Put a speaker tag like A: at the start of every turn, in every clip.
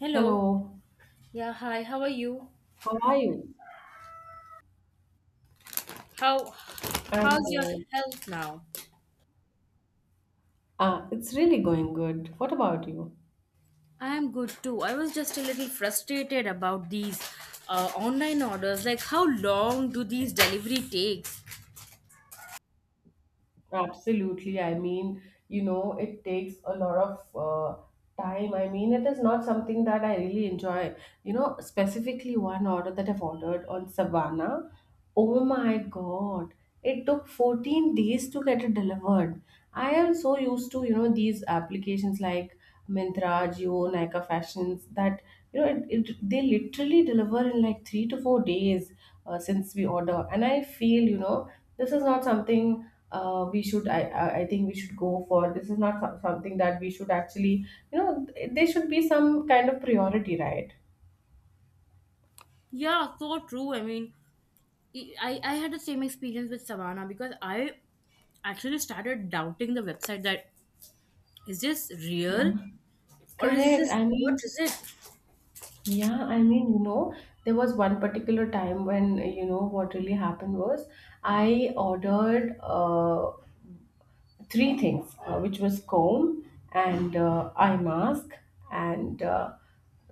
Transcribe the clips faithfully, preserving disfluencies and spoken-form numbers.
A: Hello.
B: Hello,
A: Yeah, hi. How are you?
B: how are you?
A: How
B: I'm
A: how's your
B: good.
A: health now?
B: Ah, it's really going good. What about you?
A: I'm good too. I was just a little frustrated about these uh, online orders. Like how long do these delivery takes?
B: Absolutely. I mean, you know, it takes a lot of uh, time. I mean, it is not something that I really enjoy. You know, specifically one order that I've ordered on Savannah. Oh my God, it took fourteen days to get it delivered. I am so used to, you know, these applications like Myntra, Jio, Nykaa Fashions that, you know, it, it, they literally deliver in like three to four days uh, since we order. And I feel, you know, this is not something uh, we should, I, I I think we should go for. This is not so- something that we should actually, you know, there should be some kind of priority, right?
A: Yeah, so true. I mean, I I had the same experience with Savannah because I actually started doubting the website that is this real
B: Yeah.
A: or is
B: Correct.
A: this
B: I
A: what
B: mean,
A: is it?
B: yeah, I mean, you know, there was one particular time when, you know, what really happened was I ordered uh, three things, uh, which was comb and uh, eye mask, and uh,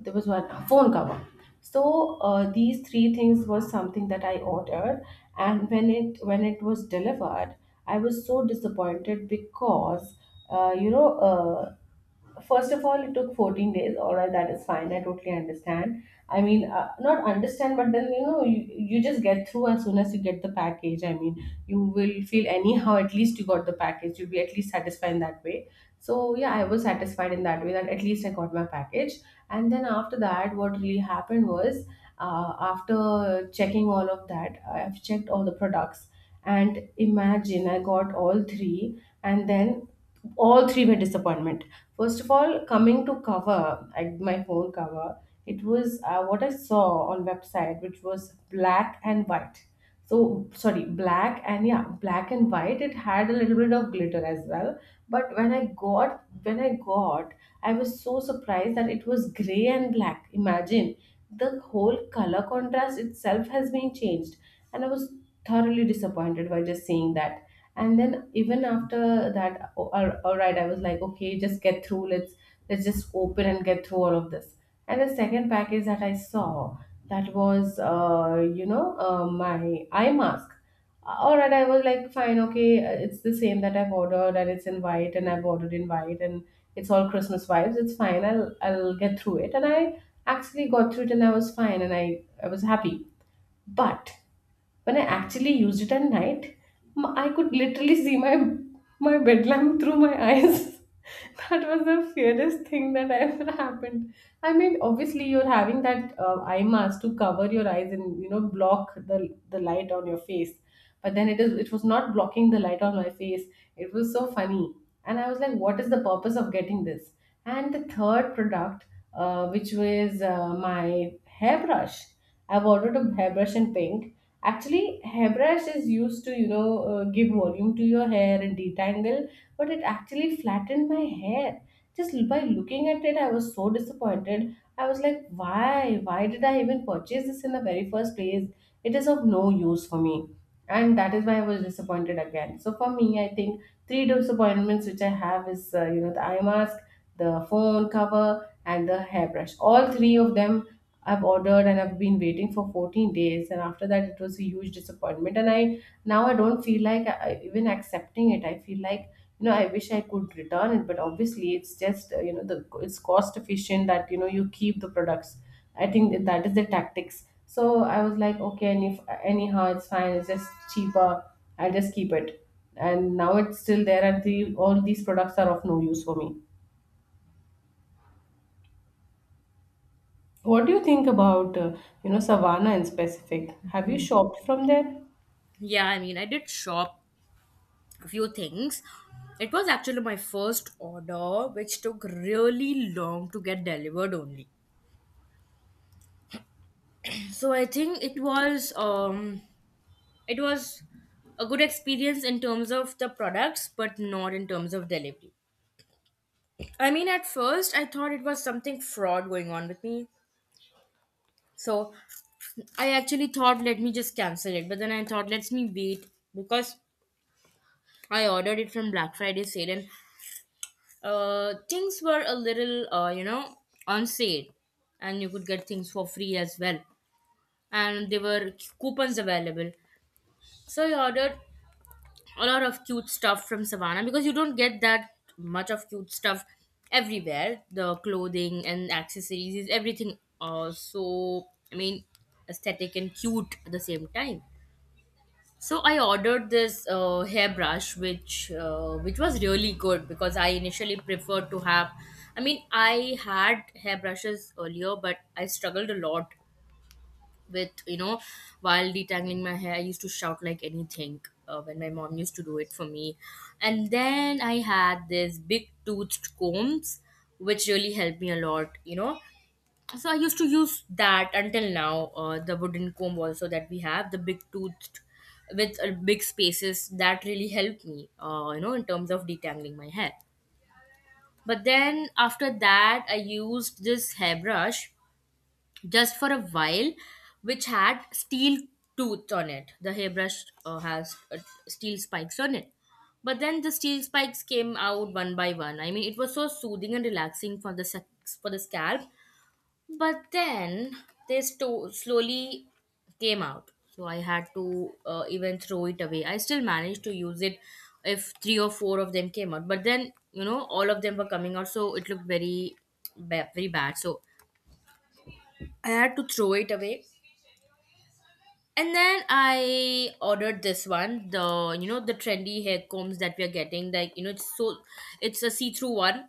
B: there was one uh, phone cover. So uh, these three things was something that I ordered, and when it when it was delivered, I was so disappointed because uh, you know uh, first of all, it took fourteen days. All right, that is fine, I totally understand. I mean, uh, not understand, but then you know you, you just get through as soon as you get the package. I mean, you will feel anyhow at least you got the package, you'll be at least satisfied in that way. So yeah, I was satisfied in that way that at least I got my package. And then after that, what really happened was uh, after checking all of that, I've checked all the products, and imagine I got all three, and then all three were disappointment. First of all, coming to cover, I, my phone cover, it was uh, what I saw on website, which was black and white. So sorry, black and, yeah, black and white. It had a little bit of glitter as well. But when i got when i got I was so surprised that it was gray and black. Imagine the whole color contrast itself has been changed. And I was thoroughly disappointed by just seeing that. And then even after that, oh, all, all right, I was like, okay, just get through. Let's let's just open and get through all of this. And the second package that I saw, that was uh, you know uh, my eye mask. All right, I was like, fine, okay, uh, it's the same that I've ordered, and it's in white, and I've ordered in white, and it's all Christmas vibes. It's fine, i'll i'll get through it, and I actually got through it, and I was fine, and i i was happy. But when I actually used it at night, m- I could literally see my my bed lamp through my eyes. That was the fairest thing that ever happened. I mean, obviously, you're having that uh, eye mask to cover your eyes and you know block the the light on your face. But then it is it was not blocking the light on my face. It was so funny, and I was like, what is the purpose of getting this? And the third product, uh, which was uh, my hairbrush. I've ordered a hairbrush in pink. Actually, hairbrush is used to, you know, uh, give volume to your hair and detangle, but it actually flattened my hair. Just by looking at it, I was so disappointed. I was like, why? Why did I even purchase this in the very first place? It is of no use for me. And that is why I was disappointed again. So for me, I think three disappointments which I have is, uh, you know, the eye mask, the phone cover, and the hairbrush. All three of them I've ordered and I've been waiting for fourteen days, and after that, it was a huge disappointment. And I, now I don't feel like I, I- even accepting it. I feel like, you know, I wish I could return it, but obviously it's just uh, you know the it's cost efficient that you know you keep the products. I think that, that is the tactics. So I was like, okay, and if anyhow, it's fine. It's just cheaper. I'll just keep it. And now it's still there, and the, all these products are of no use for me. What do you think about, uh, you know, Savannah in specific? Have you shopped from there?
A: Yeah, I mean, I did shop few things. It was actually my first order, which took really long to get delivered only. So I think it was um it was a good experience in terms of the products, but not in terms of delivery. I mean, at first I thought it was something fraud going on with me. So I actually thought let me just cancel it, but then I thought let me wait because I ordered it from Black Friday sale, and uh, things were a little, uh, you know, on sale, and you could get things for free as well. And there were coupons available, so I ordered a lot of cute stuff from Savannah because you don't get that much of cute stuff everywhere. The clothing and accessories is everything. Uh, so I mean, aesthetic and cute at the same time. So I ordered this uh, hairbrush, which uh, which was really good because I initially preferred to have. I mean, I had hairbrushes earlier, but I struggled a lot with you know while detangling my hair. I used to shout like anything uh, when my mom used to do it for me, and then I had this big toothed combs, which really helped me a lot. You know, so i used to use that until now, uh, the wooden comb also that we have, the big toothed with uh, big spaces, that really helped me, uh, you know in terms of detangling my hair. But then after that, i used this hairbrush just for a while, which had steel tooth on it. The hairbrush uh, has uh, steel spikes on it, but then the steel spikes came out one by one. I mean, it was so soothing and relaxing for the sac- for the scalp, but then they sto- slowly came out. So I had to uh, even throw it away. I still managed to use it if three or four of them came out, but then you know all of them were coming out, so it looked very ba- very bad. So I had to throw it away. And then I ordered this one, the you know the trendy hair combs that we are getting. Like, you know it's so it's a see-through one,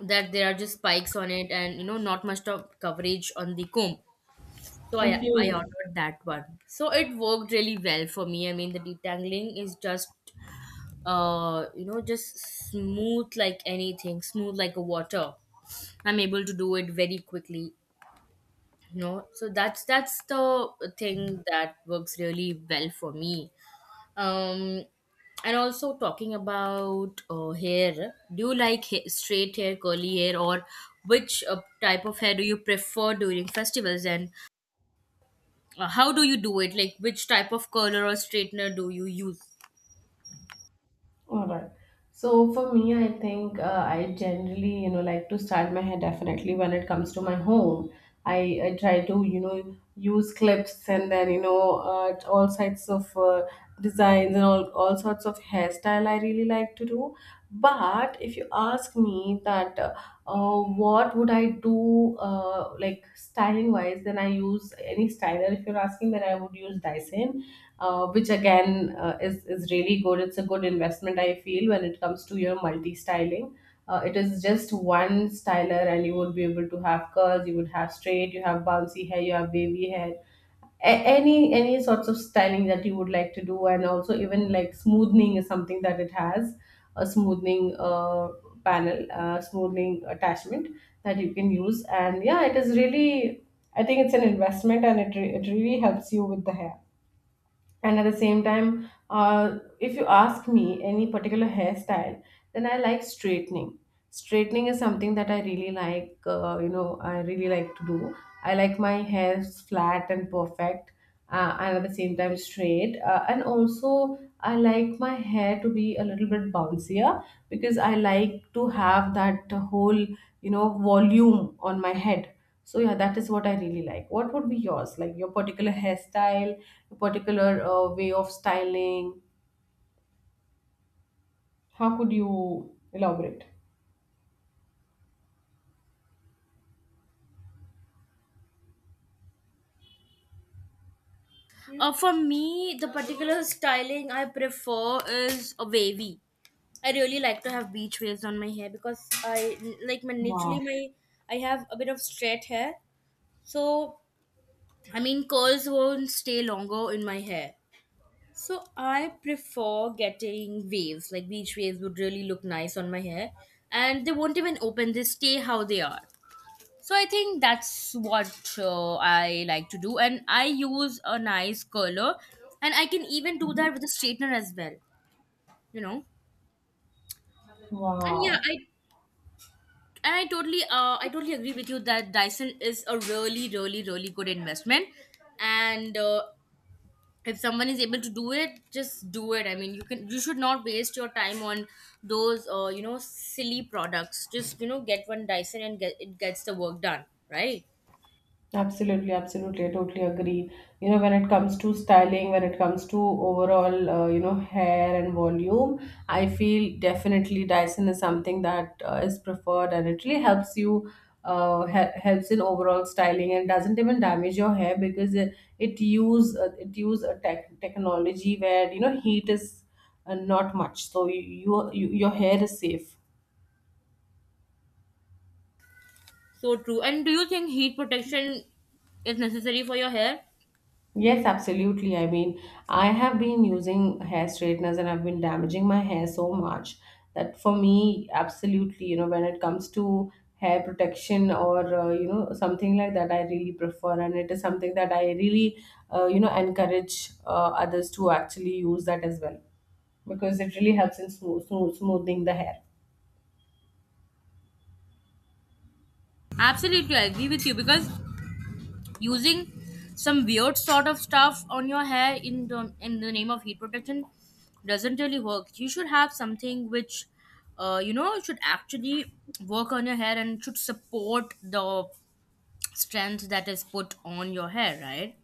A: that there are just spikes on it, and you know not much of coverage on the comb. So I
B: Okay.
A: I ordered that one. So it worked really well for me. I mean, the detangling is just uh you know just smooth like anything, smooth like a water. I'm able to do it very quickly. You know, so that's that's the thing that works really well for me. Um, and also talking about uh, hair, do you like ha- straight hair, curly hair, or which uh, type of hair do you prefer during festivals? And uh, how do you do it, like which type of curler or straightener do you use?
B: All right. So for me, I think uh, I generally, you know, like to style my hair definitely when it comes to my home. I, I try to, you know, use clips and then, you know, uh, all sides of uh, designs and all, all sorts of hairstyle I really like to do. But if you ask me that uh, uh, what would I do, uh, like styling wise? Then I use any styler. If you're asking, then I would use Dyson, uh, which again uh, is is really good. It's a good investment, I feel, when it comes to your multi styling. Uh, it is just one styler, and you would be able to have curls, you would have straight, you have bouncy hair, you have wavy hair, a- any any sorts of styling that you would like to do, and also even like smoothing is something that it has, a smoothing uh, panel, uh, smoothing attachment that you can use. And yeah, it is really, I think it's an investment, and it, re- it really helps you with the hair. And at the same time uh, if you ask me any particular hairstyle, then I like straightening. Straightening is something that I really like uh, you know I really like to do. I like my hair flat and perfect, uh, and at the same time straight, uh, and also I like my hair to be a little bit bouncier because I like to have that whole, you know, volume on my head. So yeah, that is what I really like. What would be yours? Like your particular hairstyle, your particular uh, way of styling. How could you elaborate?
A: Uh, for me, the particular styling i prefer is a wavy. I really like to have beach waves on my hair, because I like my naturally
B: Wow.
A: my I have a bit of straight hair, so I mean curls won't stay longer in my hair. So I prefer getting waves, like beach waves would really look nice on my hair. And they won't even open, they stay how they are. So I think that's what, uh, I like to do, and I use a nice curler, and I can even do
B: Mhm.
A: that with a straightener as well. You know, and yeah,
B: Wow.
A: I and I totally uh, I totally agree with you that Dyson is a really really really good investment, and uh, if someone is able to do it, just do it. I mean, you can you should not waste your time on those, uh, you know silly products. Just, you know get one Dyson and get it gets the work done, right?
B: Absolutely, absolutely. I totally agree. You know, when it comes to styling, when it comes to overall, uh, you know, hair and volume, I feel definitely Dyson is something that uh, is preferred and it really helps you, uh, he- helps in overall styling and doesn't even damage your hair because it, it use uh, it use a tech technology where you know heat is uh, not much, so you, you, you your hair is safe.
A: So true. And do you think heat protection is necessary for your hair?
B: Yes, absolutely. I mean, I have been using hair straighteners and I've been damaging my hair so much that for me, absolutely, you know, when it comes to hair protection or, uh, you know, something like that, I really prefer. And it is something that I really, uh, you know, encourage uh, others to actually use that as well because it really helps in smooth, smooth, smoothing the hair.
A: Absolutely, I agree with you because using some weird sort of stuff on your hair in the in the name of heat protection doesn't really work. You should have something which, uh, you know, should actually work on your hair and should support the strength that is put on your hair, right?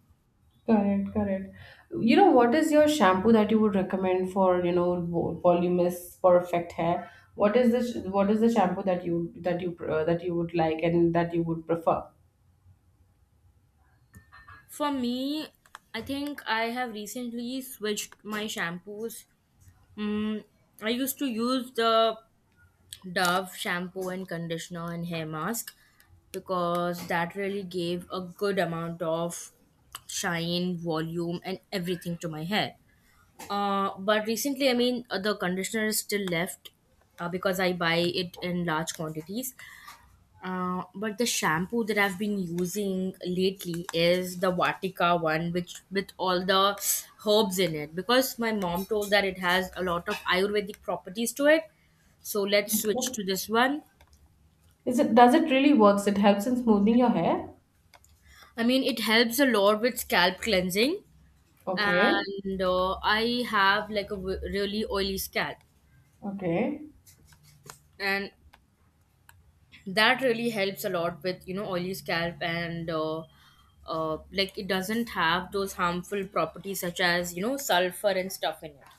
B: Correct, correct. You know, what is your shampoo that you would recommend for, you know, vo- voluminous, perfect hair? What is the sh- what is the shampoo that you that you pr- uh, that you would like and that you would prefer?
A: For me, I think I have recently switched my shampoos. Mm, I used to use the Dove shampoo and conditioner and hair mask because that really gave a good amount of shine, volume, and everything to my hair. Uh, but recently, I mean, uh, the conditioner is still left, uh, because I buy it in large quantities. Uh, but the shampoo that I've been using lately is the Vatika one, which with all the herbs in it, because my mom told that it has a lot of Ayurvedic properties to it. So let's switch to this one.
B: Is it, does it really works? It helps in smoothing your hair?
A: I mean, it helps a lot with scalp cleansing,
B: Okay.
A: and uh, I have, like, a w- really oily scalp,
B: Okay.
A: and that really helps a lot with you know oily scalp, and uh, uh, like, it doesn't have those harmful properties such as you know sulfur and stuff in it.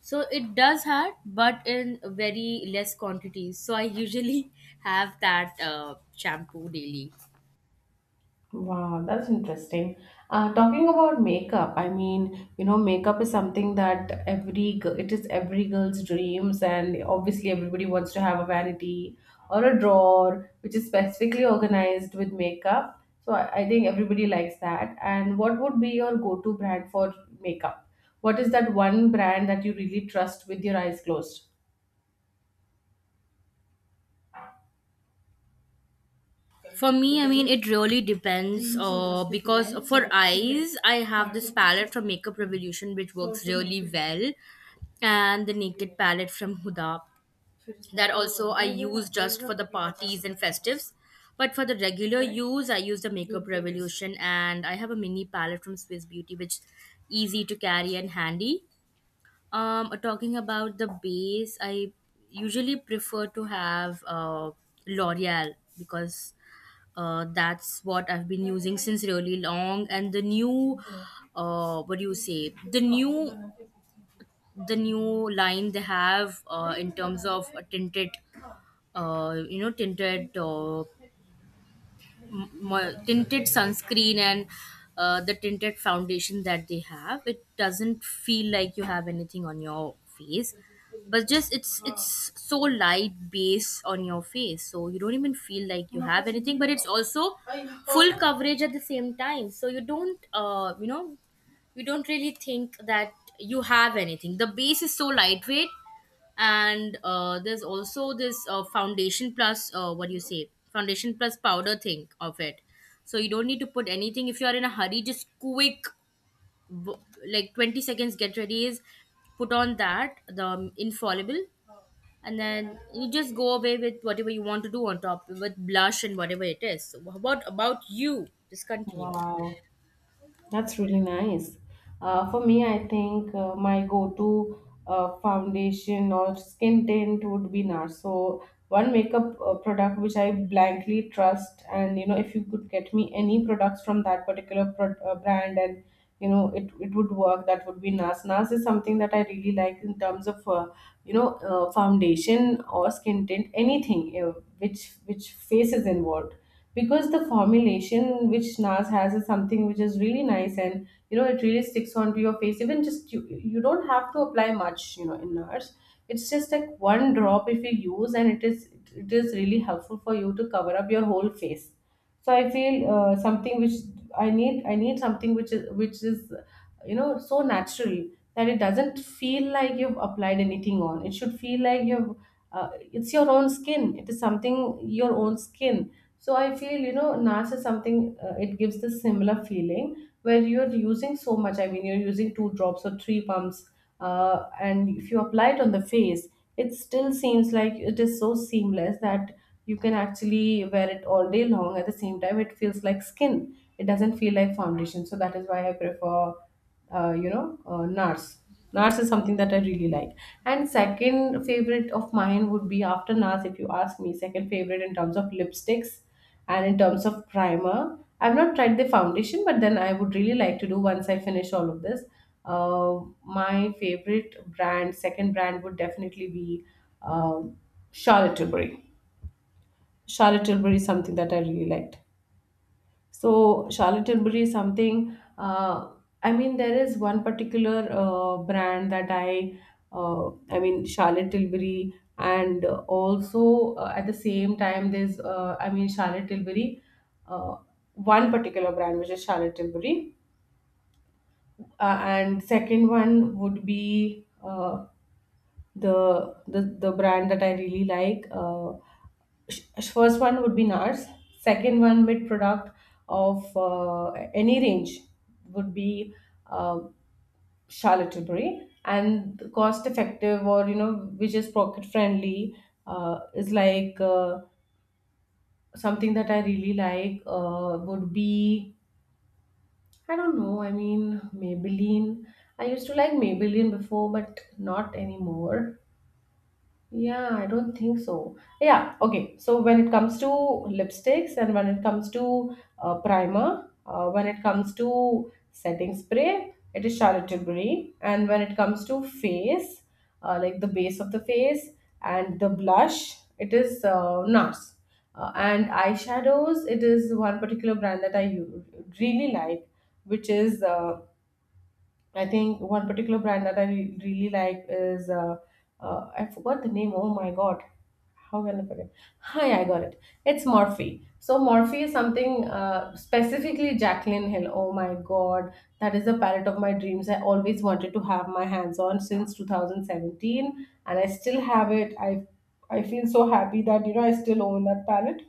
A: So it does hurt, but in very less quantities. So I usually have that uh, shampoo daily.
B: Wow, that's interesting. Uh, talking about makeup, I mean, you know, makeup is something that every girl, it is every girl's dreams, and obviously everybody wants to have a vanity or a drawer which is specifically organized with makeup. So I, I think everybody likes that. And what would be your go-to brand for makeup? What is that one brand that you really trust with your eyes closed?
A: For me, I mean, it really depends. Uh, because for eyes, I have this palette from Makeup Revolution, which works really well, and the Naked palette from Huda. That also I use just for the parties and festives. But for the regular use, I use the Makeup Revolution, and I have a mini palette from Swiss Beauty, which is easy to carry and handy. Um, talking about the base, I usually prefer to have uh, L'Oreal because uh, that's what I've been using since really long, and the new, uh, what do you say? The new, the new line they have uh, in terms of tinted, uh, you know, tinted uh, m- mo- tinted sunscreen, and uh, the tinted foundation that they have, it doesn't feel like you have anything on your face, but just it's it's so light base on your face, so you don't even feel like you have anything, but it's also full coverage at the same time, so you don't uh, you know you don't really think that you have anything. The base is so lightweight, and uh, there's also this uh, foundation plus, uh, what do you say, foundation plus powder thing of it. So you don't need to put anything, if you are in a hurry, just quick, w- like twenty seconds get ready is put on that, the um, infallible, and then you just go away with whatever you want to do on top with blush and whatever it is. So what about you, just continue.
B: Wow. That's really nice. Uh, for me, I think uh, my go-to uh, foundation or skin tint would be NARS. So one makeup uh, product which I blankly trust, and you know, if you could get me any products from that particular pro- uh, brand, and you know, it it would work. That would be NARS. N A R S is something that I really like in terms of uh, you know uh, foundation or skin tint, anything uh, which which face is involved because the formulation which N A R S has is something which is really nice, and you know it really sticks onto your face. Even just you, you don't have to apply much, you know, in N A R S. It's just like one drop if you use, and it is it is really helpful for you to cover up your whole face. So I feel uh, something which i need i need something which is which is you know so natural that it doesn't feel like you've applied anything on. It should feel like you've uh, it's your own skin, it is something your own skin. So I feel, you know, Nars is something, uh, it gives this similar feeling where you're using so much. I mean you're using two drops or three pumps, uh, and if you apply it on the face, it still seems like it is so seamless that you can actually wear it all day long. At the same time, it feels like skin, it doesn't feel like foundation. So that is why I prefer uh, you know uh, nars nars is something that I really like. And second favorite of mine would be, after Nars, if you ask me, second favorite in terms of lipsticks and in terms of primer, I've not tried the foundation, but then I would really like to do once I finish all of this. Uh, my favorite brand, second brand, would definitely be um Charlotte Tilbury. Charlotte Tilbury is something that I really liked. So Charlotte Tilbury is something. Uh, I mean, there is one particular uh, brand that I, uh, I mean, Charlotte Tilbury, and uh, also uh, at the same time, there's, uh, I mean, Charlotte Tilbury, uh, one particular brand which is Charlotte Tilbury, uh, and second one would be. Uh, the the the brand that I really like, uh, sh- first one would be N A R S. Second one, mid product of uh, any range would be uh, Charlotte Tilbury. And the cost effective, or, you know, which is pocket friendly uh, is like uh, something that I really like uh, would be, I don't know, I mean, Maybelline. I used to like Maybelline before, but not anymore. Yeah, I don't think so. Yeah, okay. So when it comes to lipsticks, and when it comes to uh, primer, uh, when it comes to setting spray, it is Charlotte Tilbury. And when it comes to face, uh, like the base of the face and the blush, it is uh, N A R S. Uh, and eyeshadows, it is one particular brand that I u- really like, which is uh, I think one particular brand that I re- really like is uh, uh, I forgot the name. Oh my god, how can I forget? Hi, I got it. It's Morphe. So Morphe is something, uh, specifically Jacqueline Hill. Oh my god, that is the palette of my dreams. I always wanted to have my hands on since two thousand seventeen, and I still have it. I I feel so happy that, you know, I still own that palette,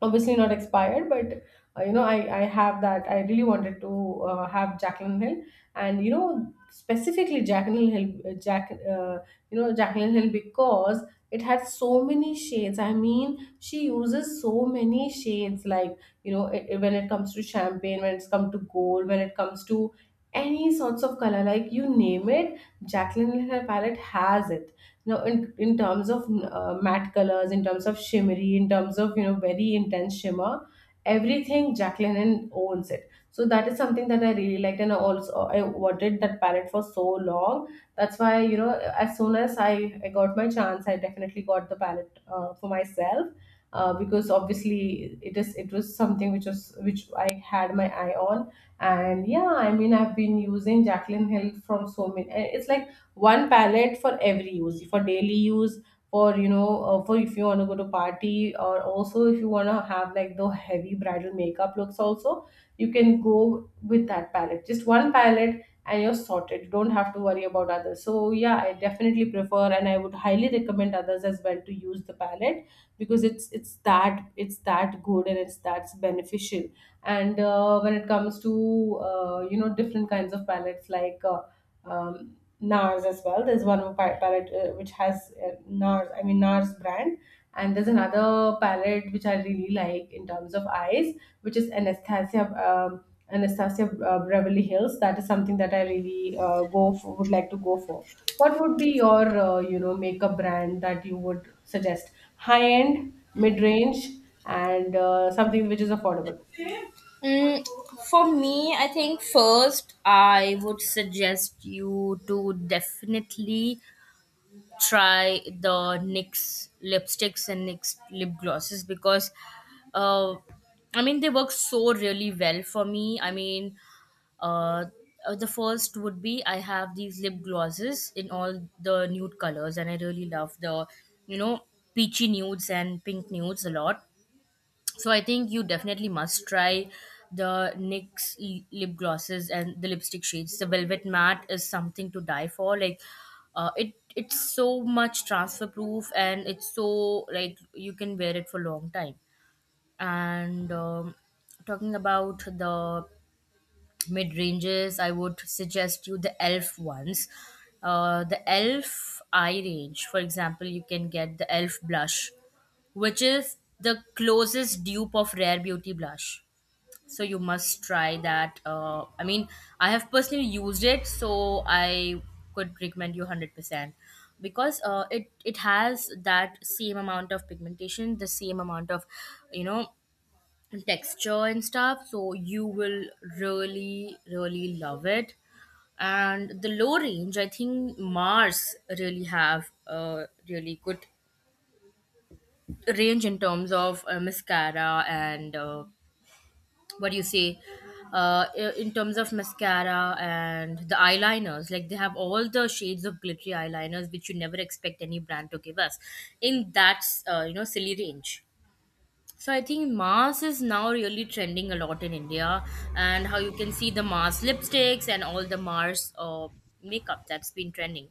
B: obviously not expired. But uh, you know, I, I have that. I really wanted to uh, have Jacqueline Hill, and you know, specifically Jacqueline Hill, uh, jack uh, you know, Jacqueline Hill, because it had so many shades. I mean, she uses so many shades, like, you know, i- i- when it comes to champagne, when it's come to gold, when it comes to any sorts of color, like, you name it, Jacqueline Hill palette has it, you know, in, in terms of uh, matte colors, in terms of shimmery, in terms of, you know, very intense shimmer, everything Jacqueline owns it. So that is something that I really liked, and I also I wanted that palette for so long. That's why, you know, as soon as i, I got my chance, I definitely got the palette uh, for myself, uh, because obviously it is, it was something which was, which I had my eye on. And yeah, I mean, I've been using Jacqueline Hill from so many. It's like one palette for every use, for daily use, for, you know, uh, for if you want to go to party, or also if you want to have like the heavy bridal makeup looks also, you can go with that palette. Just one palette and you're sorted, you don't have to worry about others. So yeah, I definitely prefer and I would highly recommend others as well to use the palette because it's it's that it's that good, and it's that's beneficial. And uh, when it comes to uh, you know, different kinds of palettes, like uh, um, N A R S as well. There's one pa- palette uh, which has uh, N A R S, I mean N A R S brand, and there's another palette which I really like in terms of eyes, which is Anastasia, um, Anastasia uh, Beverly Hills. That is something that I really uh, go for, would like to go for. What would be your uh, you know, makeup brand that you would suggest? High end, mid range, and uh, something which is affordable.
A: Mm, for me, I think first I would suggest you to definitely try the N Y X lipsticks and N Y X lip glosses because uh, I mean they work so really well for me. I mean uh, uh, the first would be I have these lip glosses in all the nude colors, and I really love the you know peachy nudes and pink nudes a lot. So I think you definitely must try the NYX l- lip glosses and the lipstick shades. The velvet matte is something to die for. Like, uh, it it's so much transfer proof, and it's so, like, you can wear it for long time. And um, talking about the mid ranges, I would suggest you the Elf ones, uh, the Elf eye range. For example, you can get the Elf blush, which is the closest dupe of Rare Beauty blush. So you must try that. Uh, I mean, I have personally used it, so I could recommend you one hundred percent because uh, it it has that same amount of pigmentation, the same amount of you know texture and stuff. So you will really really love it. And the low range, I think Mars really have a really good range in terms of uh, mascara, and uh, what do you say, uh, i- in terms of mascara and the eyeliners, like they have all the shades of glittery eyeliners which you never expect any brand to give us in that uh, you know silly range. So I think Mars is now really trending a lot in India, and how you can see the Mars lipsticks and all the Mars uh, makeup that's been trending.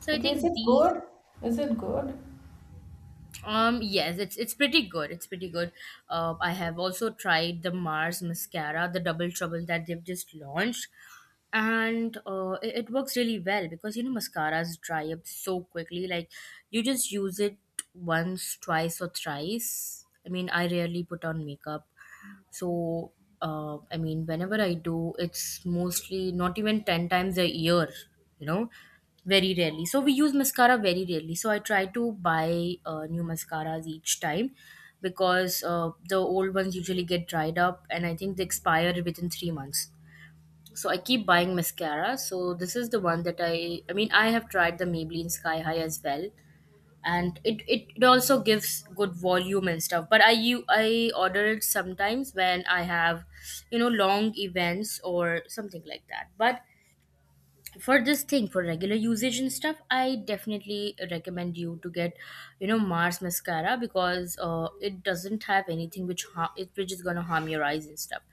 A: So I
B: Okay, is
A: think
B: it
A: these.
B: good? Is it good?
A: Um, yes, it's it's pretty good. It's pretty good. Uh, I have also tried the Mars mascara, the Double Trouble that they've just launched, and uh, it, it works really well because you know mascaras dry up so quickly. Like, you just use it once, twice, or thrice. I mean, I rarely put on makeup, so uh, I mean, whenever I do, it's mostly not even ten times a year. You know very rarely, so we use mascara very rarely, so I try to buy uh, new mascaras each time, because uh, the old ones usually get dried up, and I think they expire within three months. So I keep buying mascara. So this is the one that i i mean i have tried. The Maybelline Sky High as well, and it, it, it also gives good volume and stuff, but i you i order it sometimes when I have you know long events or something like that. But for this thing, for regular usage and stuff, I definitely recommend you to get you know Mars mascara, because uh, it doesn't have anything which ha- it- which is going to harm your eyes and stuff,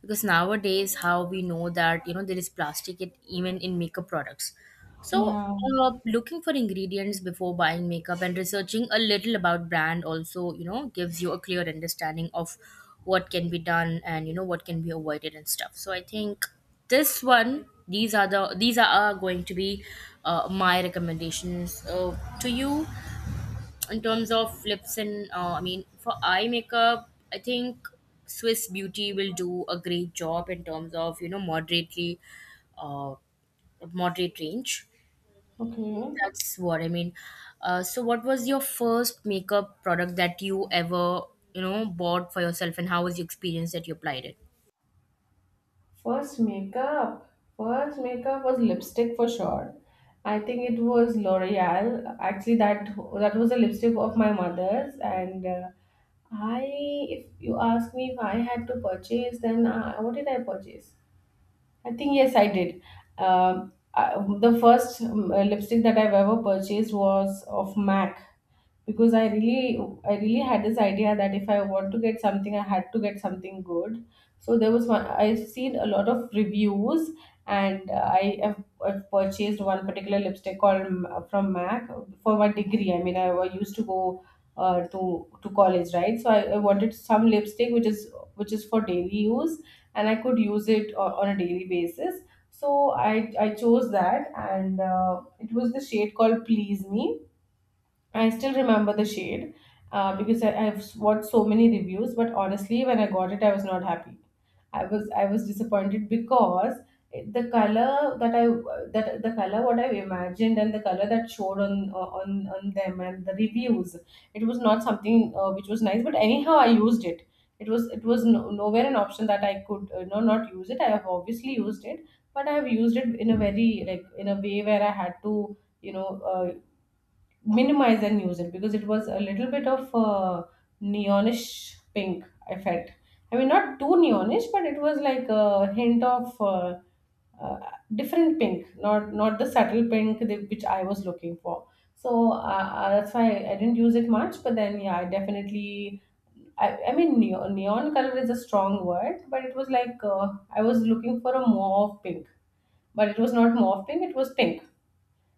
A: because nowadays how we know that you know there is plastic, it, even in makeup products. So,
B: Yeah.
A: uh, looking for ingredients before buying makeup, and researching a little about brand also, you know, gives you a clear understanding of what can be done and you know what can be avoided and stuff. So I think this one, these are the these are are going to be uh, my recommendations uh, to you, in terms of lips and uh, I mean for eye makeup. I think Swiss Beauty will do a great job in terms of you know moderately. Uh, Moderate range,
B: Okay.
A: that's what I mean. Uh, so what was your first makeup product that you ever, you know, bought for yourself, and how was your experience that you applied it?
B: First makeup. First makeup was lipstick for sure. I think it was L'Oreal. Actually, that that was a lipstick of my mother's, and uh, I, if you ask me, if I had to purchase, then uh, what did I purchase? I think yes, I did. Um, I, the first um, uh, lipstick that I've ever purchased was of Mac, because I really, I really had this idea that if I want to get something, I had to get something good. So there was one. I've seen a lot of reviews, and uh, I have I've purchased one particular lipstick called um, from Mac for my degree. I mean, I used to go uh, to to college, right? So I, I wanted some lipstick which is which is for daily use and I could use it o- on a daily basis. So I, I chose that, and uh, it was the shade called Please Me. I still remember the shade, uh, because I, I've watched so many reviews, but honestly, when I got it, I was not happy. I was I was disappointed because it- the color that I that the color what I imagined and the color that showed on uh, on on them and the reviews, it was not something uh, which was nice. But anyhow, I used it. It was it was no, nowhere an option that I could uh, no not use it. I have obviously used it, but I have used it in a very, like in a way where I had to, you know, uh, minimize and use it because it was a little bit of uh, neonish pink, I felt. I mean, not too neonish, but it was like a hint of uh, uh, different pink, not not the subtle pink that- which I was looking for. So uh, uh, that's why I didn't use it much. But then, yeah, I definitely. I, I mean, neon, neon color is a strong word, but it was like, uh, I was looking for a mauve pink, but it was not mauve pink, it was pink.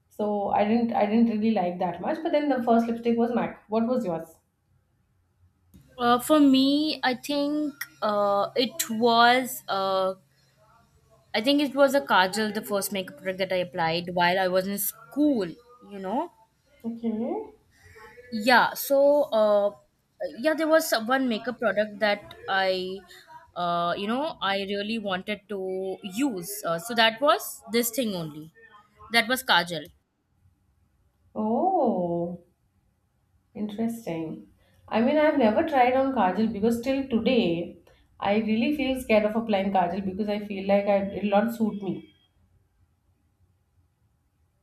B: So I didn't I didn't really like that much. But then the first lipstick was MAC. What was yours?
A: Uh, for me, I think uh, it was uh, I think it was a kajal, the first makeup product that I applied while I was in school. You know,
B: Okay.
A: Yeah, so uh, yeah, there was some- one makeup product that I, uh, you know, I really wanted to use. Uh, so that was this thing only. That was Kajal.
B: Oh, interesting. I mean, I've never tried on Kajal because till today, I really feel scared of applying Kajal because I feel like I, it'll not suit me.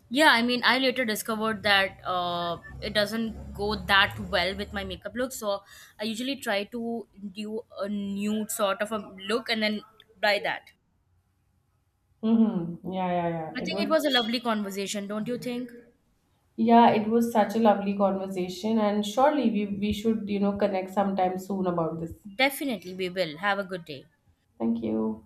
A: Yeah, I mean, I later discovered that uh, it doesn't go that well with my makeup look. So I usually try to do a nude sort of a look and then buy that.
B: Mm-hmm. Yeah, yeah,
A: I
B: yeah. It
A: think it
B: will.
A: was a lovely conversation, don't you think?
B: Yeah, it was such a lovely conversation, and surely we we should, you know, connect sometime soon about this.
A: Definitely, we will. Have a good day.
B: Thank you.